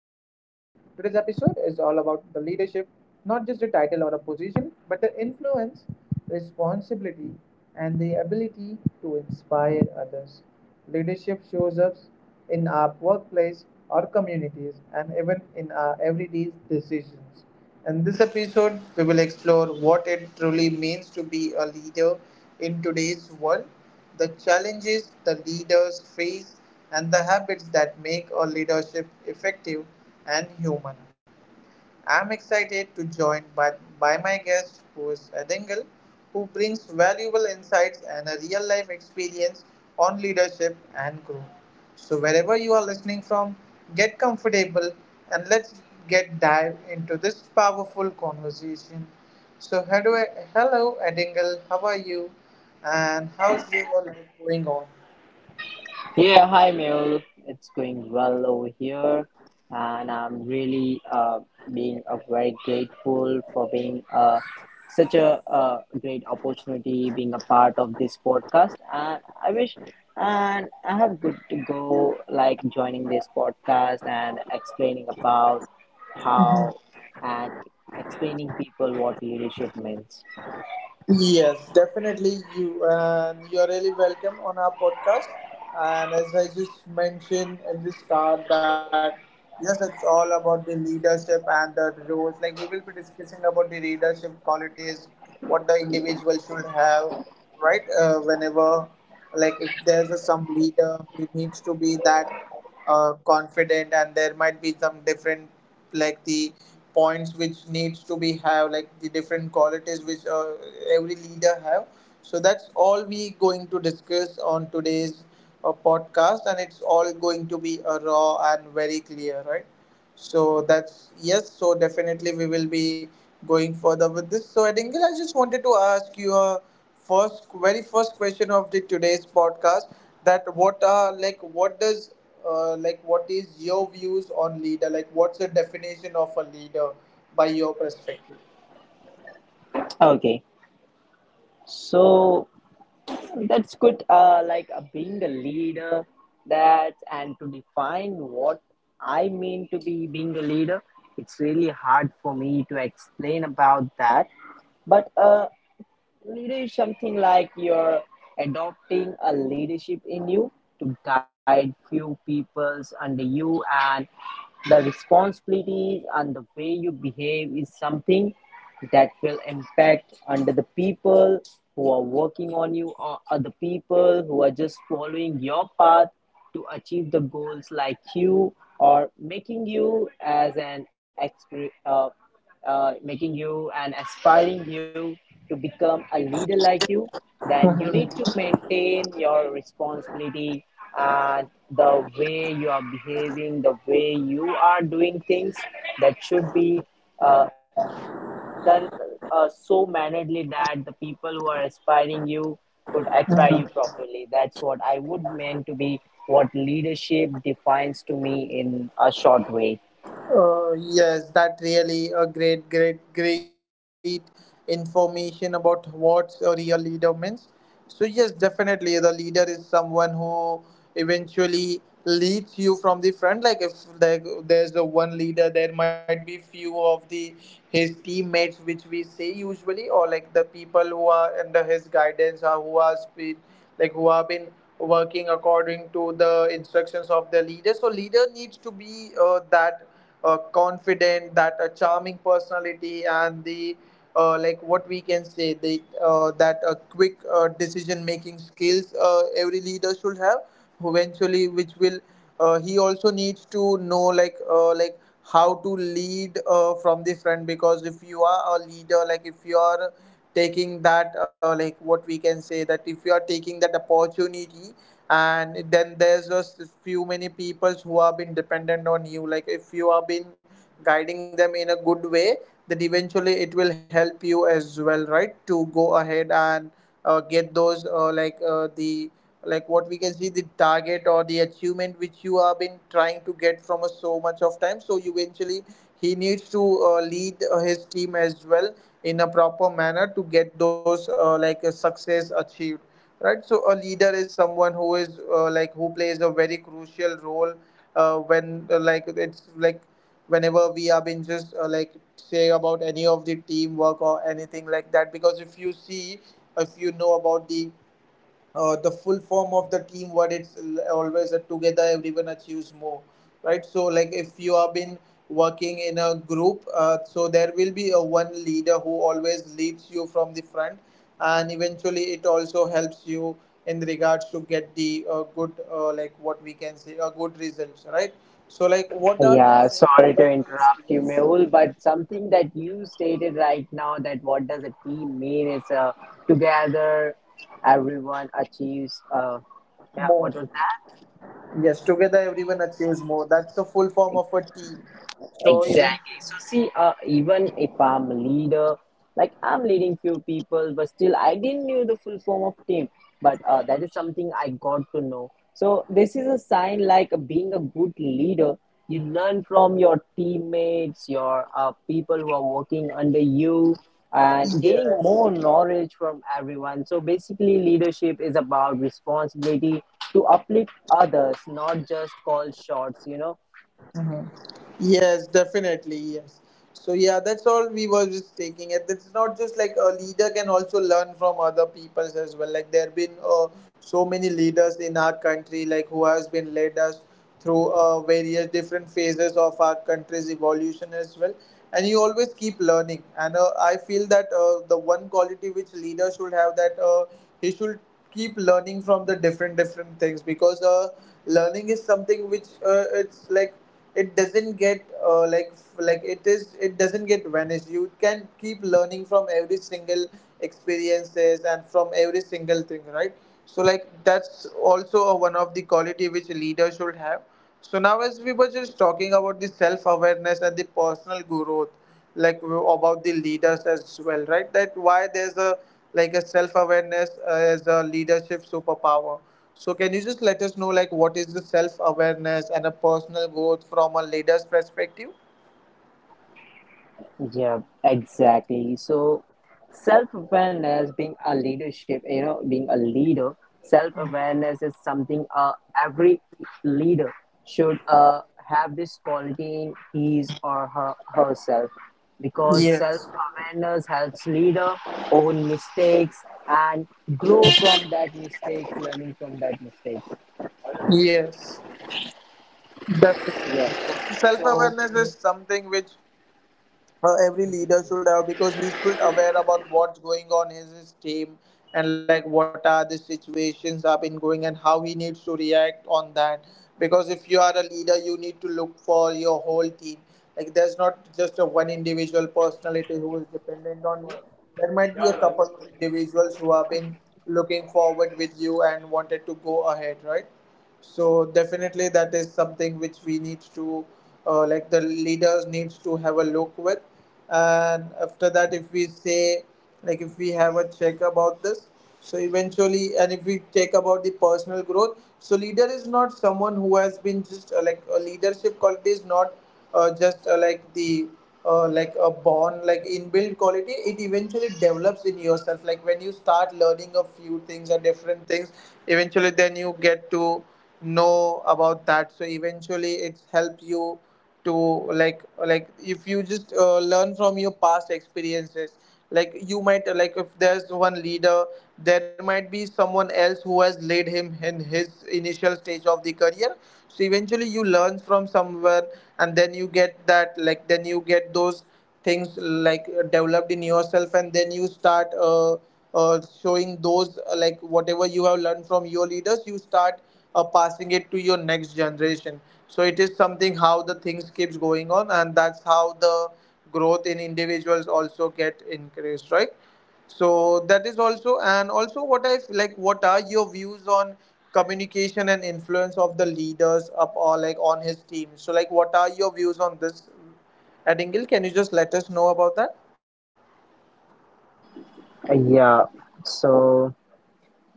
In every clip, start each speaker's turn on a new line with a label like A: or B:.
A: about the leadership, not just a title or a position, but the influence, responsibility, and the ability to inspire others. Leadership shows up in our workplace or communities and even in our everyday decisions. In this episode, we will explore what it truly means to be a leader in today's world, the challenges the leaders face, and the habits that make a leadership effective and human. I'm excited to join by my guest, who is Edingle, who brings valuable insights and a real life experience on leadership and growth. So, wherever you are listening from, get comfortable and let's get dive into this powerful conversation. So, hello Edingle, how are you? And how's your life going on?
B: Yeah, hi Mel. It's going well over here, and I'm really being very grateful for being such a great opportunity, being a part of this podcast. And I wish, and I have good to go, like joining this podcast and explaining about how and explaining people what leadership means.
A: Yes, definitely you and you're really welcome on our podcast. And as I just mentioned in the start that yes, it's all about the leadership and the roles. Like we will be discussing about the leadership qualities, what the individual should have, right? Whenever like if there's a, some leader who needs to be that confident and there might be some different like the points which needs to be have like the different qualities which every leader have, so that's all we going to discuss on today's podcast, and it's all going to be raw and very clear, right? So that's yes. So definitely we will be going further with this. So Adingle, I just wanted to ask you a first, very first question of the today's podcast. That what are like what does like what is your views on leader? Like what's the definition of a leader by your perspective?
B: Okay, so that's good. Like being a leader, that and to define what I mean to be being a leader, it's really hard for me to explain about that. But leader is something like you're adopting a leadership in you to guide few peoples under you, and the responsibilities and the way you behave is something that will impact under the people who are working on you or other people who are just following your path to achieve the goals like you or making you as an expert. Making you and aspiring you to become a leader like you, then you need to maintain your responsibility and the way you are behaving, the way you are doing things that should be uh, done so mannerly that the people who are aspiring you could aspire you properly. That's what I would mean to be what leadership defines to me in a short way.
A: Yes, that really a great, great, great information about what a real leader means. So yes, definitely the leader is someone who eventually leads you from the front. Like if there's the one leader, there might be few of the his teammates, which we say usually, or like the people who are under his guidance or who are speed, like who have been working according to the instructions of the leader. So leader needs to be that confident, that a charming personality, and the like what we can say the that a quick decision making skills every leader should have eventually which will he also needs to know like how to lead from the front because if you are a leader like if you are taking that like what we can say that if you are taking that opportunity and then there's just few many peoples who have been dependent on you like if you have been guiding them in a good way then eventually it will help you as well, right? To go ahead and get those like the like what we can see the target or the achievement which you have been trying to get from us so much of time, so eventually he needs to lead his team as well in a proper manner to get those like a success achieved, right? So a leader is someone who is like who plays a very crucial role when like it's like whenever we have been just like say about any of the teamwork or anything like that because if you see if you know about the full form of the team, what it's always a together everyone achieves more, right? So like if you have been working in a group, so there will be a one leader who always leads you from the front and eventually it also helps you in regards to get the good like what we can say a good results, right? So like what are the
B: Yeah,
A: self
B: sorry to
A: awareness,
B: interrupt you,
A: yes,
B: Mehul, but something that you stated right now that what does a team mean is together everyone achieves. Yeah,
A: more,
B: what was
A: yes, together everyone achieves more, that's the full form
B: that?
A: of a team, so even
B: Exactly. So see, even if I'm a leader, like I'm leading few people, but still I didn't knew the full form of team. But that is something I got to know. So this is a sign like being a good leader, you learn from your teammates, your people who are working under you, and gaining
A: yes.
B: more knowledge from everyone. So basically, leadership is about responsibility to uplift others, not just call shots. You know?
A: Mhm. Yes, definitely. Yes. So yeah, that's all we were just taking it. It's not just like a leader can also learn from other peoples as well. Like there have been so many leaders in our country, like who has been led us through various different phases of our country's evolution as well. And you always keep learning. And I feel that the one quality which leader should have that he should keep learning from the different things because learning is something which it's like it doesn't get like it doesn't get vanished, you can keep learning from every single experiences and from every single thing, right? So like that's also a, one of the quality which leader should have. So now as we were just talking about the self awareness and the personal growth, like about the leaders as well, right? That why there's a like a self-awareness as a leadership superpower. So can you just let us know like what is the self-awareness and a personal growth from a leader's perspective?
B: Yeah, exactly. So, self-awareness being a leadership, you know, being a leader, self-awareness is something every leader should have this quality in his or her herself, because
A: Yes,
B: self-awareness helps leader own mistakes and grow from that mistakes, learning from that mistakes.
A: yes,
B: Yeah.
A: definitely, yes.
B: So,
A: Self-awareness is something which every leader should have because he should aware about what's going on in his team and like what are the situations have been going and how he needs to react on that because if you are a leader you need to look for your whole team. Like there's not just a one individual personality who is dependent on you, there might be a couple of individuals who have been looking forward with you and wanted to go ahead, right? So definitely that is something which we need to like the leaders needs to have a look with. And after that if we say like if we have a check about this, so eventually and if we take about the personal growth, so leader is not someone who has been just like a leadership quality is not just like the like a born like inbuilt quality, it eventually develops in yourself like when you start learning a few things or different things, eventually then you get to know about that, so eventually it's helped you to like if you just learn from your past experiences, like you might like if there's one leader, there might be someone else who has led him in his initial stage of the career, so eventually you learn from somewhere and then you get that like then you get those things like developed in yourself, and then you start showing those like whatever you have learned from your leaders, you start passing it to your next generation. So it is something how the things keeps going on and that's how the growth in individuals also get increased, right? So that is also and also what I like what are your views on communication and influence of the leaders up or like on his team? So like what are your views on this, Adingle, can you just let us know about that?
B: uh, yeah. So.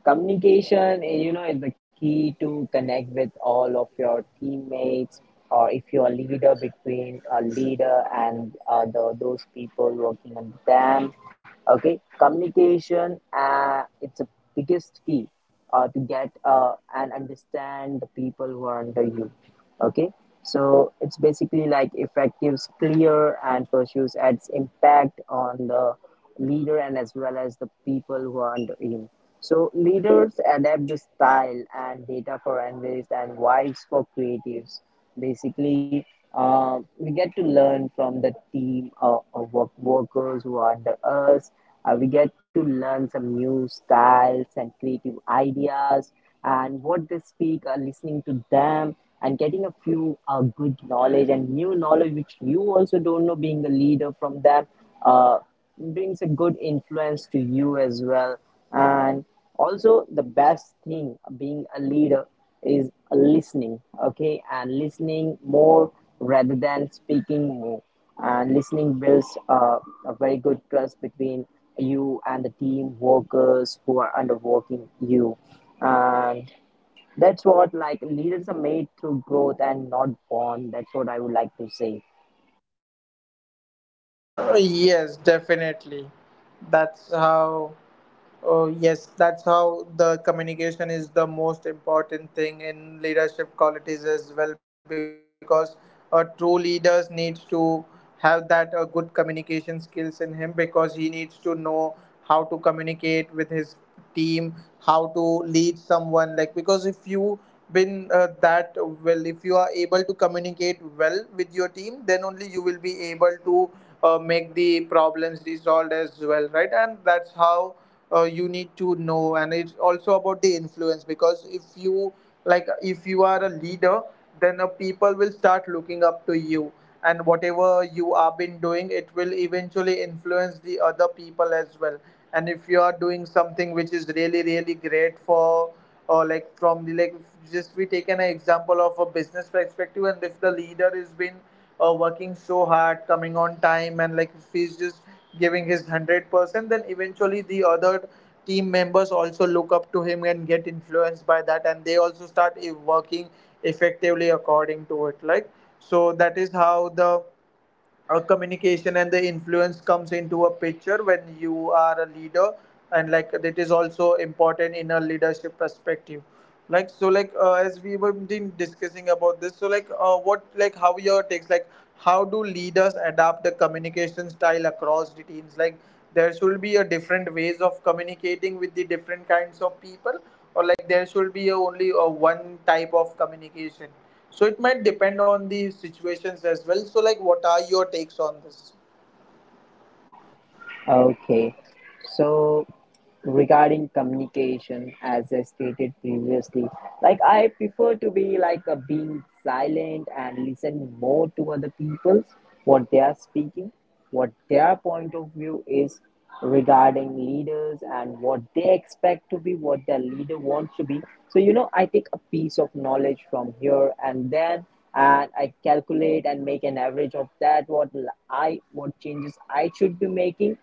B: communication you know is the key to connect with all of your teammates or if you're a leader between a leader and those people working on them. Okay, communication it's the biggest key to get and understand the people who are under you. Okay, so it's basically like effectives clear and pursues its impact on the leader and as well as the people who are under him. So leaders adapt the style and data for analysts and vibes for creatives. Basically, we get to learn from the team of workers who are under us. We get to learn some new styles and creative ideas and what they speak, listening to them and getting a few good knowledge and new knowledge which you also don't know being a leader from them. Uh, Brings a good influence to you as well, and also the best thing being a leader is listening. Okay, and listening more rather than speaking more. And listening builds a very good trust between you and the team workers who are underworking you. And that's what, like, leaders are made through growth and not born. That's what I would like to say.
A: Yes, definitely. That's how. Oh, yes, that's how the communication is the most important thing in leadership qualities as well because a true leader needs to have that good communication skills in him because he needs to know how to communicate with his team, how to lead someone like because if you been that well if you are able to communicate well with your team, then only you will be able to make the problems resolved as well, right? And that's how you need to know, and it's also about the influence because if you like if you are a leader, then people will start looking up to you and whatever you have been doing it will eventually influence the other people as well. And if you are doing something which is really really great for or like from the like just we take an example of a business perspective, and if the leader has been working so hard, coming on time, and like if he's just giving his 100%, then eventually the other team members also look up to him and get influenced by that and they also start working effectively according to it. So that is how the communication and the influence comes into a picture when you are a leader, and like it is also important in a leadership perspective. As we were been discussing about this, so like what like how your takes, like how do leaders adapt the communication style across the teams? Like, there should be a different ways of communicating with the different kinds of people, or like there should be only a one type of communication. So it might depend on the situations as well, so like what are your takes on this?
B: Okay, so regarding communication, as I stated previously, like I prefer to be like a being silent and listen more to other people, what they are speaking, what their point of view is regarding leaders and what they expect to be, what their leader wants to be. So you know, I take a piece of knowledge from here and then and I calculate and make an average of that what l- I what changes I should be making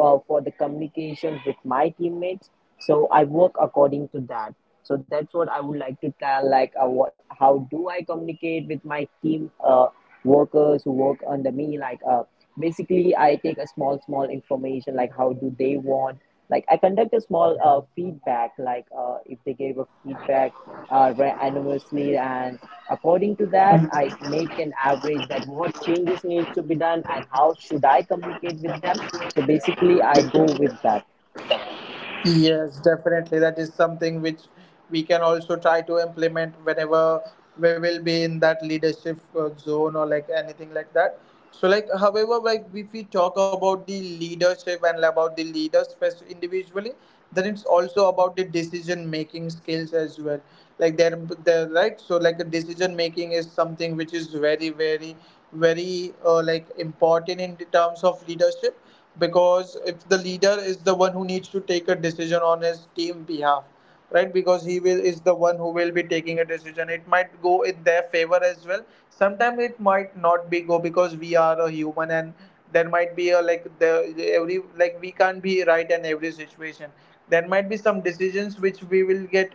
B: for the communication with my teammates. So I work according to that. So that's what I would like to tell. Like, what, how do I communicate with my team workers who work under me? Like, basically, I take a small, small information. Like, how do they want? Like, I conduct a small feedback. Like, if they gave a feedback anonymously and according to that I make an average that what changes needs to be done and how should I communicate with them. So basically I go with that.
A: Yes, definitely. That is something which we can also try to implement whenever we will be in that leadership zone or like anything like that. So, like, however, like if we talk about the leadership and about the leaders first individually, then it's also about the decision making skills as well. Like, they're right. So, like, the decision making is something which is very, very, very like important in the terms of leadership, because if the leader is the one who needs to take a decision on his team behalf, right? Because he will is the one who will be taking a decision, it might go in their favor as well. Sometimes it might not be go, because we are a human and there might be a like the every like we can't be right in every situation. There might be some decisions which we will get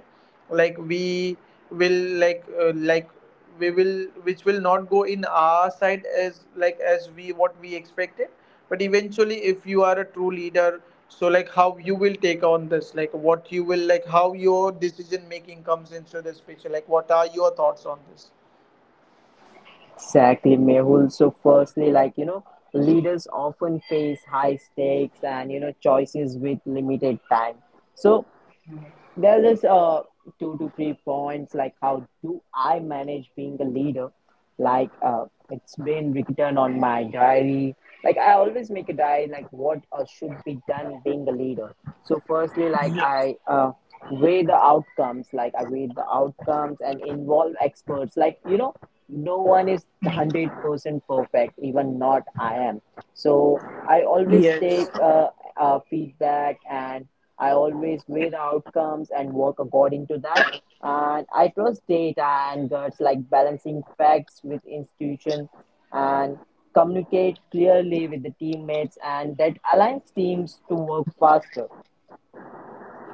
A: like we like we will which will not go in our side as like as we what we expected. But eventually, if you are a true leader, so like how you will take on this, like what you will, like how your decision making comes into this picture? Like, what are your thoughts on this?
B: Exactly, Mehul. So firstly, like you know, leaders often face high stakes and you know choices with limited time. So there's just 2 to 3 points like how do I manage being a leader? Like it's been written on my diary. Like I always make a diary like what should be done being a leader. So firstly, like
A: Yeah.
B: I weigh the outcomes. Like I weigh the outcomes and involve experts. Like you know, no one is 100% perfect. Even not I am. So I always take
A: Yes.
B: feedback and I always weigh the outcomes and work according to that. And I trust data and guts, like balancing facts with institution and communicate clearly with the teammates, and that aligns teams to work faster.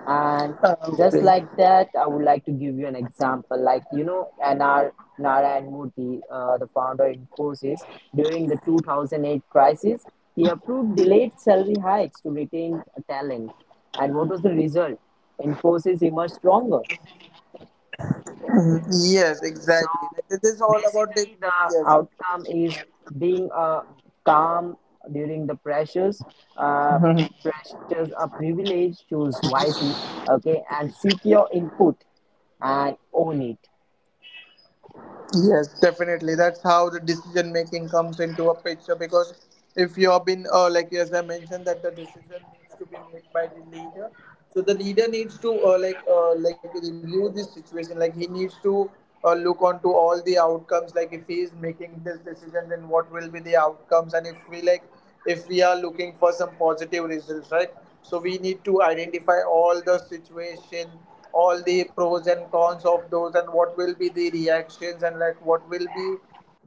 B: And
A: Uh,
B: just
A: okay
B: like that, I would like to give you an example. Like, you know, nr Narayan Murthy, the founder in Forces, during the 2008 crisis, he approved delayed salary hikes to retain talent. And what was the result? Infosys emerged stronger.
A: Mhm. Yes,
B: So
A: exactly, like this is all about the,
B: basically, the
A: yes.
B: outcome is being calm during the pressures. Uh, Pressures are privilege. Choose wisely, okay, and seek your input and own it.
A: Yes, definitely. That's how the decision making comes into a picture. Because if you have been, like as I mentioned, that the decision needs to be made by the leader. So the leader needs to like review this situation. Like, he needs to look onto all the outcomes. Like, if he is making this decision, then what will be the outcomes? And if we like, if we are looking for some positive results, right? So we need to identify all the situation, all the pros and cons of those, and what will be the reactions, and like what will be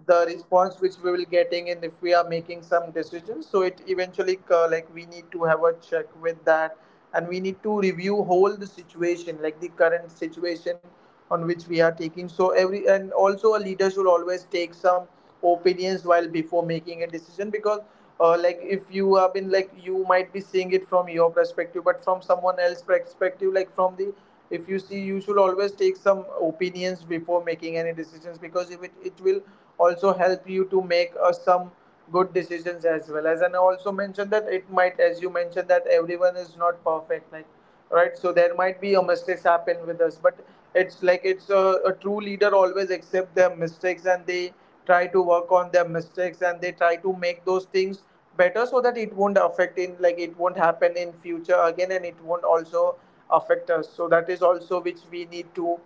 A: the response which we will getting in if we are making some decisions. So it eventually, like, we need to have a check with that, and we need to review whole the situation, like the current situation on which we are taking. So every, and also a leader should always take some opinions while before making a decision. Because like if you have been like, you might be seeing it from your perspective, but from someone else's perspective, like from the, if you see, you should always take some opinions before making any decisions, because if it will also help you to make some good decisions as well. As and I also mentioned that it might, as you mentioned, that everyone is not perfect, like, right? So there might be a mistakes happen with us. But it's like, it's a true leader always accept their mistakes, and they try to work on their mistakes, and they try to make those things better, so that it won't affect in, like it won't happen in future again, and it won't also affect us. So that is also which we need to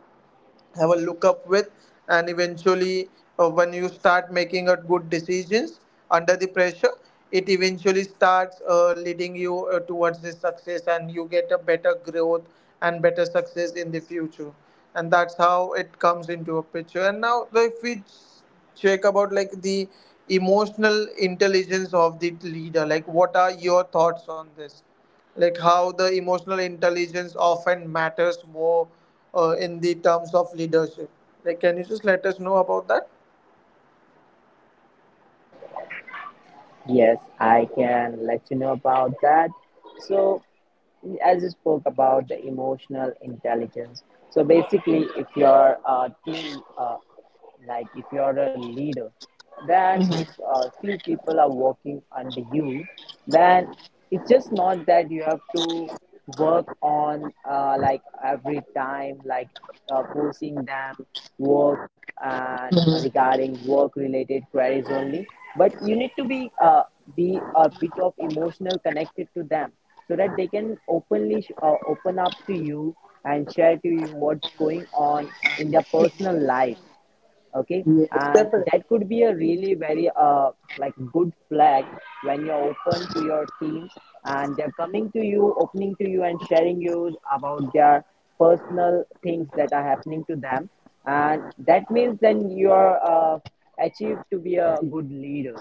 A: have a look up with. And eventually, when you start making a good decisions under the pressure, it eventually starts leading you towards the success, and you get a better growth and better success in the future. And that's how it comes into a picture. And now, so if we check about like the emotional intelligence of the leader, like what are your thoughts on this? Like, how the emotional intelligence often matters more in the terms of leadership? Like, can you just let us know about that?
B: Yes, I can let you know about that. So, as you spoke about the emotional intelligence, so basically, if you're a team, like if you're a leader, then if few people are working under you, then it's just not that you have to work on like every time like forcing them work and regarding work related queries only, but you need to be a bit of emotional connected to them so that they can open up to you and share to you what's going on in their personal life. Okay,
A: Yes,
B: and
A: definitely.
B: that could be a really very like good flag when you're open to your teams and they're coming to you opening to you and sharing you about their personal things that are happening to them. And that means then you're achieved to be a good leader.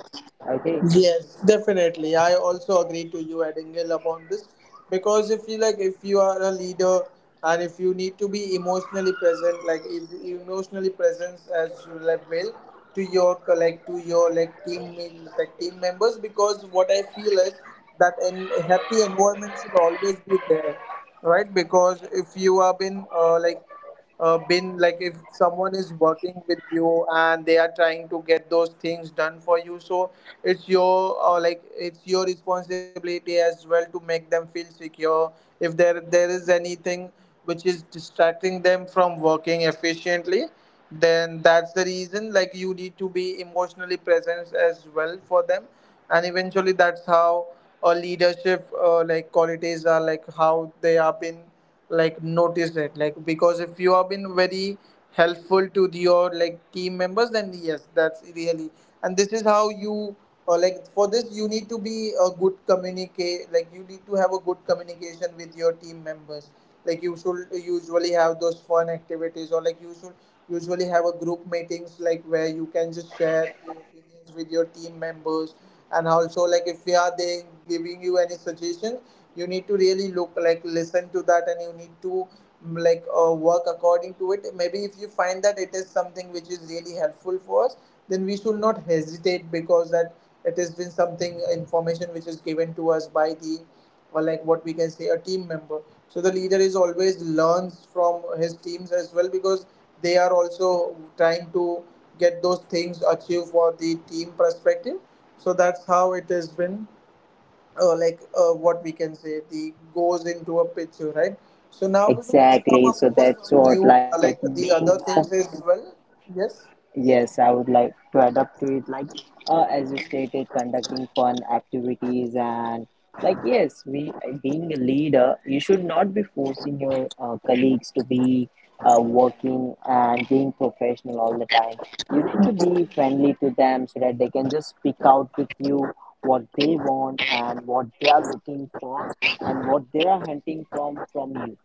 B: Okay.
A: Yes, definitely. I also agree to you, Edingle, upon this. Because if you like, if you are a leader, and if you need to be emotionally present, like if you emotionally present as well, like well, to your like, to your like team, like team members. Because what I feel is that an happy environment should always be there, right? Because if you have been been like, if someone is working with you and they are trying to get those things done for you, so it's your like, it's your responsibility as well to make them feel secure. If there is anything which is distracting them from working efficiently, then that's the reason, like you need to be emotionally present as well for them. And eventually, that's how a leadership like qualities are, like how they have been like notice it. Like, because if you have been very helpful to your like team members, then yes, that's really. And this is how you, or like for this, you need to be a good communicate, like you need to have a good communication with your team members. Like, you should usually have those fun activities, or like you should usually have a group meetings, like where you can just share your opinions, experience with your team members. And also, like if we are they giving you any suggestions, you need to really look, like listen to that, and you need to work according to it, maybe if you find that it is something which is really helpful for us, then we should not hesitate. Because that, it has been something information which is given to us by the, or like what we can say, a team member. So the leader is always learns from his teams as well, because they are also trying to get those things achieved for the team perspective. So that's how it has been, what we can say, the goes into a picture, right? So now we will just come
B: Exactly.
A: up
B: So
A: to
B: that's
A: some
B: what
A: new
B: like
A: like
B: being.
A: the
B: A.
A: other things as well. Yes.
B: Yes, I would like to add up to it. Like, as you stated, conducting fun activities and like, yes, we being a leader, you should not be forcing your colleagues to be working and being professional all the time. You need to be friendly to them so that they can just speak out with you what they want and what they are looking for and what they are hunting from you.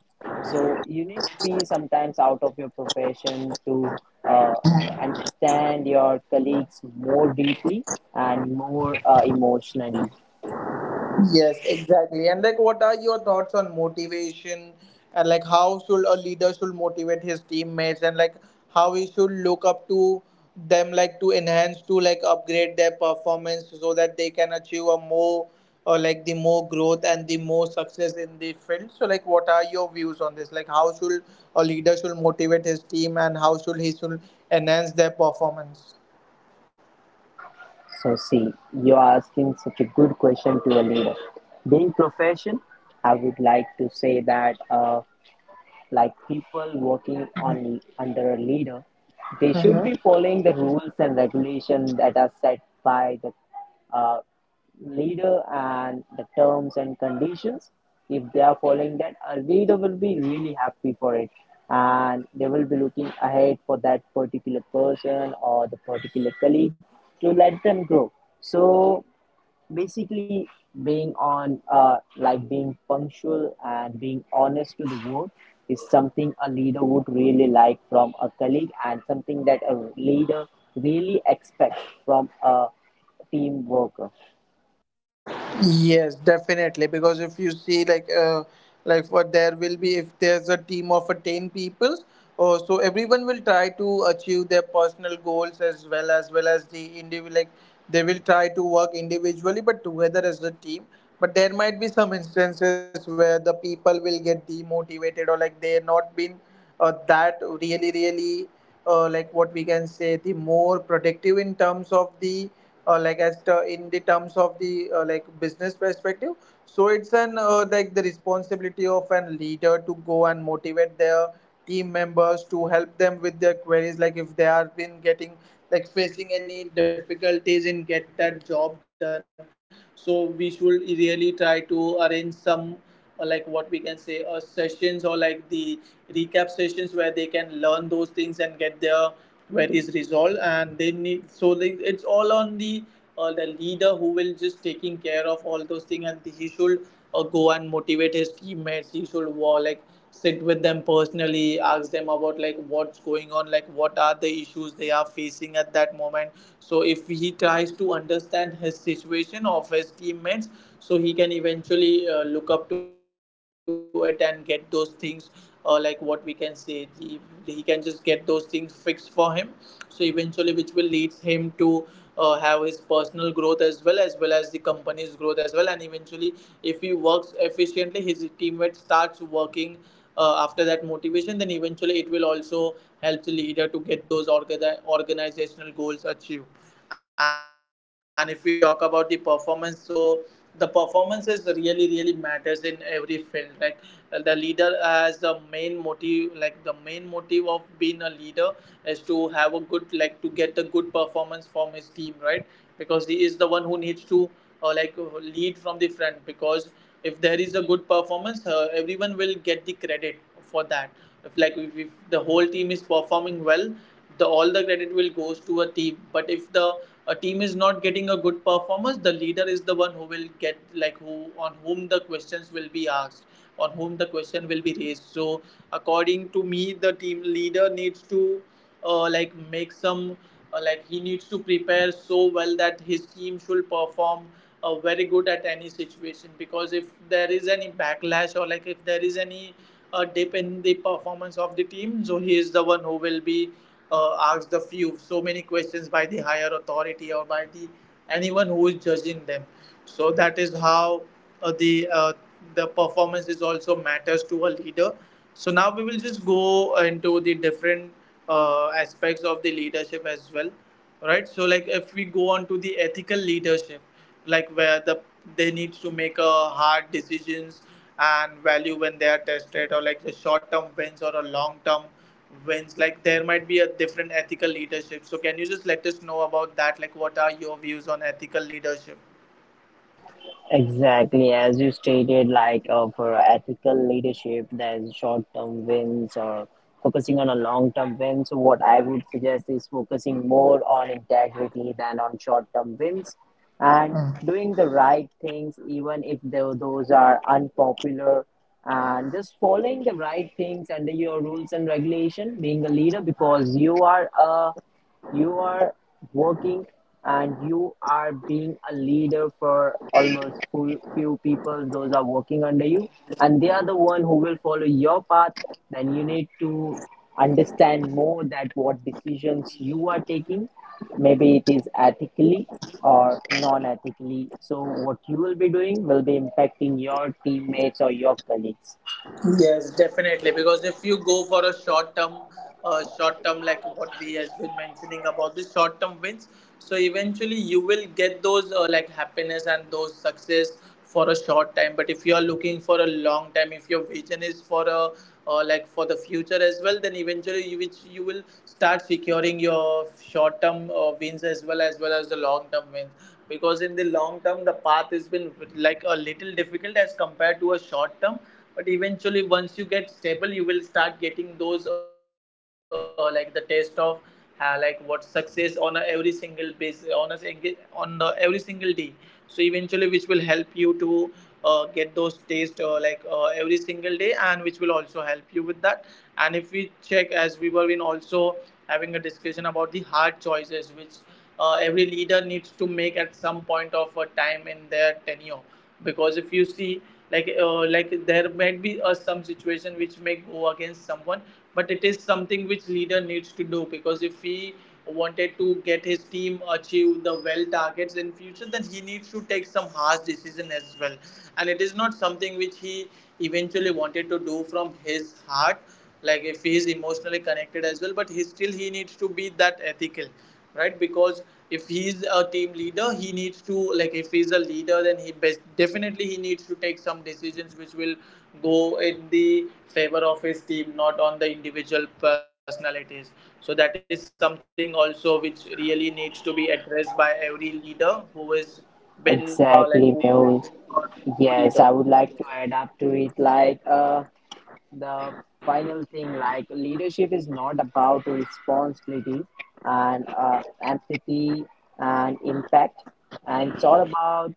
B: So you need to be sometimes out of your profession to uh, understand your colleagues more deeply and more emotionally.
A: Yes, exactly. And like, what are your thoughts on motivation? And like, how should a leader should motivate his teammates? And like, how he should look up to them, like to enhance, to like upgrade their performance, so that they can achieve a more, or like the more growth and the more success in the field. So like, what are your views on this? Like, how should a leader should motivate his team, and how should he should enhance their performance?
B: So see, you're asking such a good question to a leader. Being profession, I would like to say that. Like people working on under a leader, they should be following the rules and regulations that are set by the uh, leader and the terms and conditions. If they are following that, a leader will be really happy for it, and they will be looking ahead for that particular person or the particular colleague to let them grow. So basically being on like being punctual and being honest to the work is something a leader would really like from a colleague and something that a leader really expects from a team worker.
A: Yes, definitely. Because if you see, like what there will be, if there's a team of ten people, or so, everyone will try to achieve their personal goals as well, as well as the individual. Like, they will try to work individually, but together as a team. But there might be some instances where the people will get demotivated, or like they're not been that really really like what we can say the more productive in terms of the like as the in the terms of the like business perspective. So it's an like the responsibility of an leader to go and motivate their team members, to help them with their queries, like if they are been getting, like facing any difficulties in get that job done. So we should really try to arrange some like what we can say sessions, or like the recap sessions where they can learn those things and get their queries resolved, and they need. So it's all on the leader who will just taking care of all those things, and he should go and motivate his teammates. He should like sit with them personally, ask them about like what's going on, like what are the issues they are facing at that moment. So if he tries to understand his situation of his teammates, so he can eventually look up to it and get those things, like what we can say he can just get those things fixed for him. So eventually, which will leads him to have his personal growth as well, as well as the company's growth as well. And eventually, if he works efficiently, his teammates starts working after that motivation, then eventually it will also help the leader to get those organizational goals achieved. And if we talk about the performance, so the performances really really matters in every field. Like, the leader has a main motive, like the main motive of being a leader is to have a good, like to get a good performance from his team, right? Because he is the one who needs to lead from the front. Because if there is a good performance, everyone will get the credit for that. If like if the whole team is performing well, the all the credit will goes to a team. But if the a team is not getting a good performance, the leader is the one who will get, like who on whom the questions will be asked, on whom the question will be raised. So according to me, the team leader needs to like make some like he needs to prepare so well that his team should perform very good at any situation, because if there is any backlash, or like if there is any dip in the performance of the team, so he is the one who will be asked the few so many questions by the higher authority or by the anyone who is judging them. So that is how uh, the uh, the performances also matters to a leader. So now we will just go into the different aspects of the leadership as well, right? So like if we go on to the ethical leadership, like where the they need to make a hard decisions and value when they are tested, or like the short term wins or a long term wins, like there might be a different ethical leadership. So can you just let us know about that, like what are your views on ethical leadership?
B: Exactly, as you stated, like for ethical leadership, there's short term wins or focusing on a long term win. So, what I would suggest is focusing more on integrity than on short term wins and doing the right things, even if those are unpopular, and just following the right things under your rules and regulation, being a leader because you are working and you are being a leader for almost few people, those are working under you, and they are the one who will follow your path. Then you need to understand more that what decisions you are taking, maybe it is ethically or non-ethically. So what you will be doing will be impacting your teammates or your colleagues.
A: Yes, definitely. Because if you go for a short term, short term, like what we has been mentioning about the short term wins, so eventually you will get those like happiness and those success for a short time. But if you are looking for a long time, if your vision is for a like for the future as well, then eventually you which you will start securing your short term wins as well as well as the long term wins. Because in the long term, the path has been like a little difficult as compared to a short term, but eventually once you get stable you will start getting those like the taste of like what success on a every single base on a single on the every single day. So eventually which will help you to get those taste every single day, and which will also help you with that. And if we check, as we were in also having a discussion about the hard choices which every leader needs to make at some point of a time in their tenure. Because if you see, like there might be a some situation which may go against someone, but it is something which leader needs to do, because if he wanted to get his team achieve the well targets in future, then he needs to take some harsh decision as well. And it is not something which he eventually wanted to do from his heart, like if he is emotionally connected as well, but he still he needs to be that ethical, right? Because if he's a team leader, he needs to, like if he's a leader, then he best, definitely he needs to take some decisions which will go in the favor of his team, not on the individual personalities. So that is something also which really needs to be addressed by every leader who has been like who is
B: Exactly,
A: a
B: Mehul.
A: true leader.
B: Yes, I would like to add up to it like the final thing like leadership is not about responsibility and empathy and impact and it's all about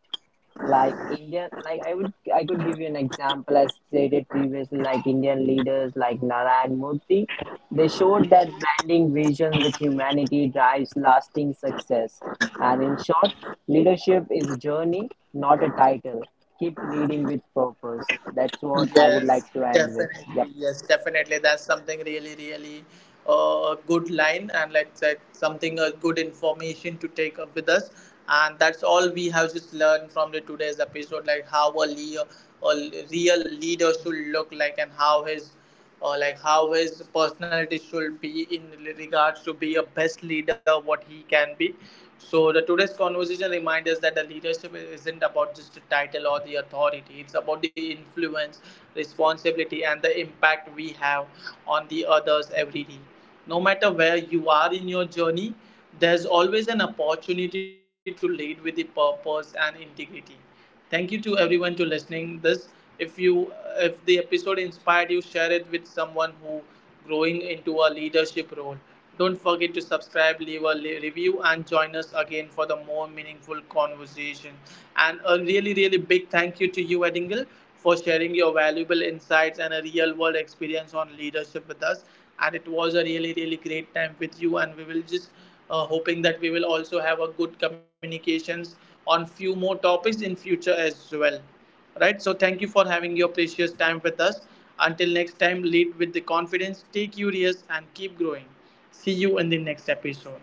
B: like Indian, like I could give you an example as stated previously, like Indian leaders like Narayan Murthy, they showed that blending vision with humanity drives lasting success. And in short, leadership is a journey, not a title. Keep leading with purpose. That's what I would
A: Yes,
B: like to end with. Yep.
A: definitely. Yes, definitely. That's something really, really good line, and let's say something good information to take up with us. And that's all we have just learned from the today's episode, like how a, a real leader should look like, and how his like how his personality should be in regards to be a best leader what he can be. So the today's conversation reminds us that the leadership isn't about just the title or the authority, it's about the influence, responsibility and the impact we have on the others every day. No matter where you are in your journey, there's always an opportunity to lead with the purpose and integrity. Thank you to everyone to listening this. If you if the episode inspired you, share it with someone who growing into a leadership role. Don't forget to subscribe, leave a review, and join us again for the more meaningful conversation. And a really, really big thank you to you, Edingle, for sharing your valuable insights and a real world experience on leadership with us. And it was a really, really great time with you. And we will just hoping that we will also have a good communications on few more topics in future as well, right? So thank you for having your precious time with us. Until next time, lead with the confidence, stay curious and keep growing. See you in the next episode.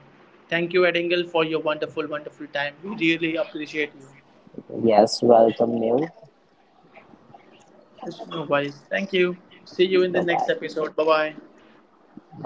A: Thank you Edingle for your wonderful time, we really appreciate you.
B: Yes, welcome, Neil.
A: Yes, no worries, thank you. See you in the
B: Bye
A: next
B: bye.
A: episode, bye bye.
B: Bye.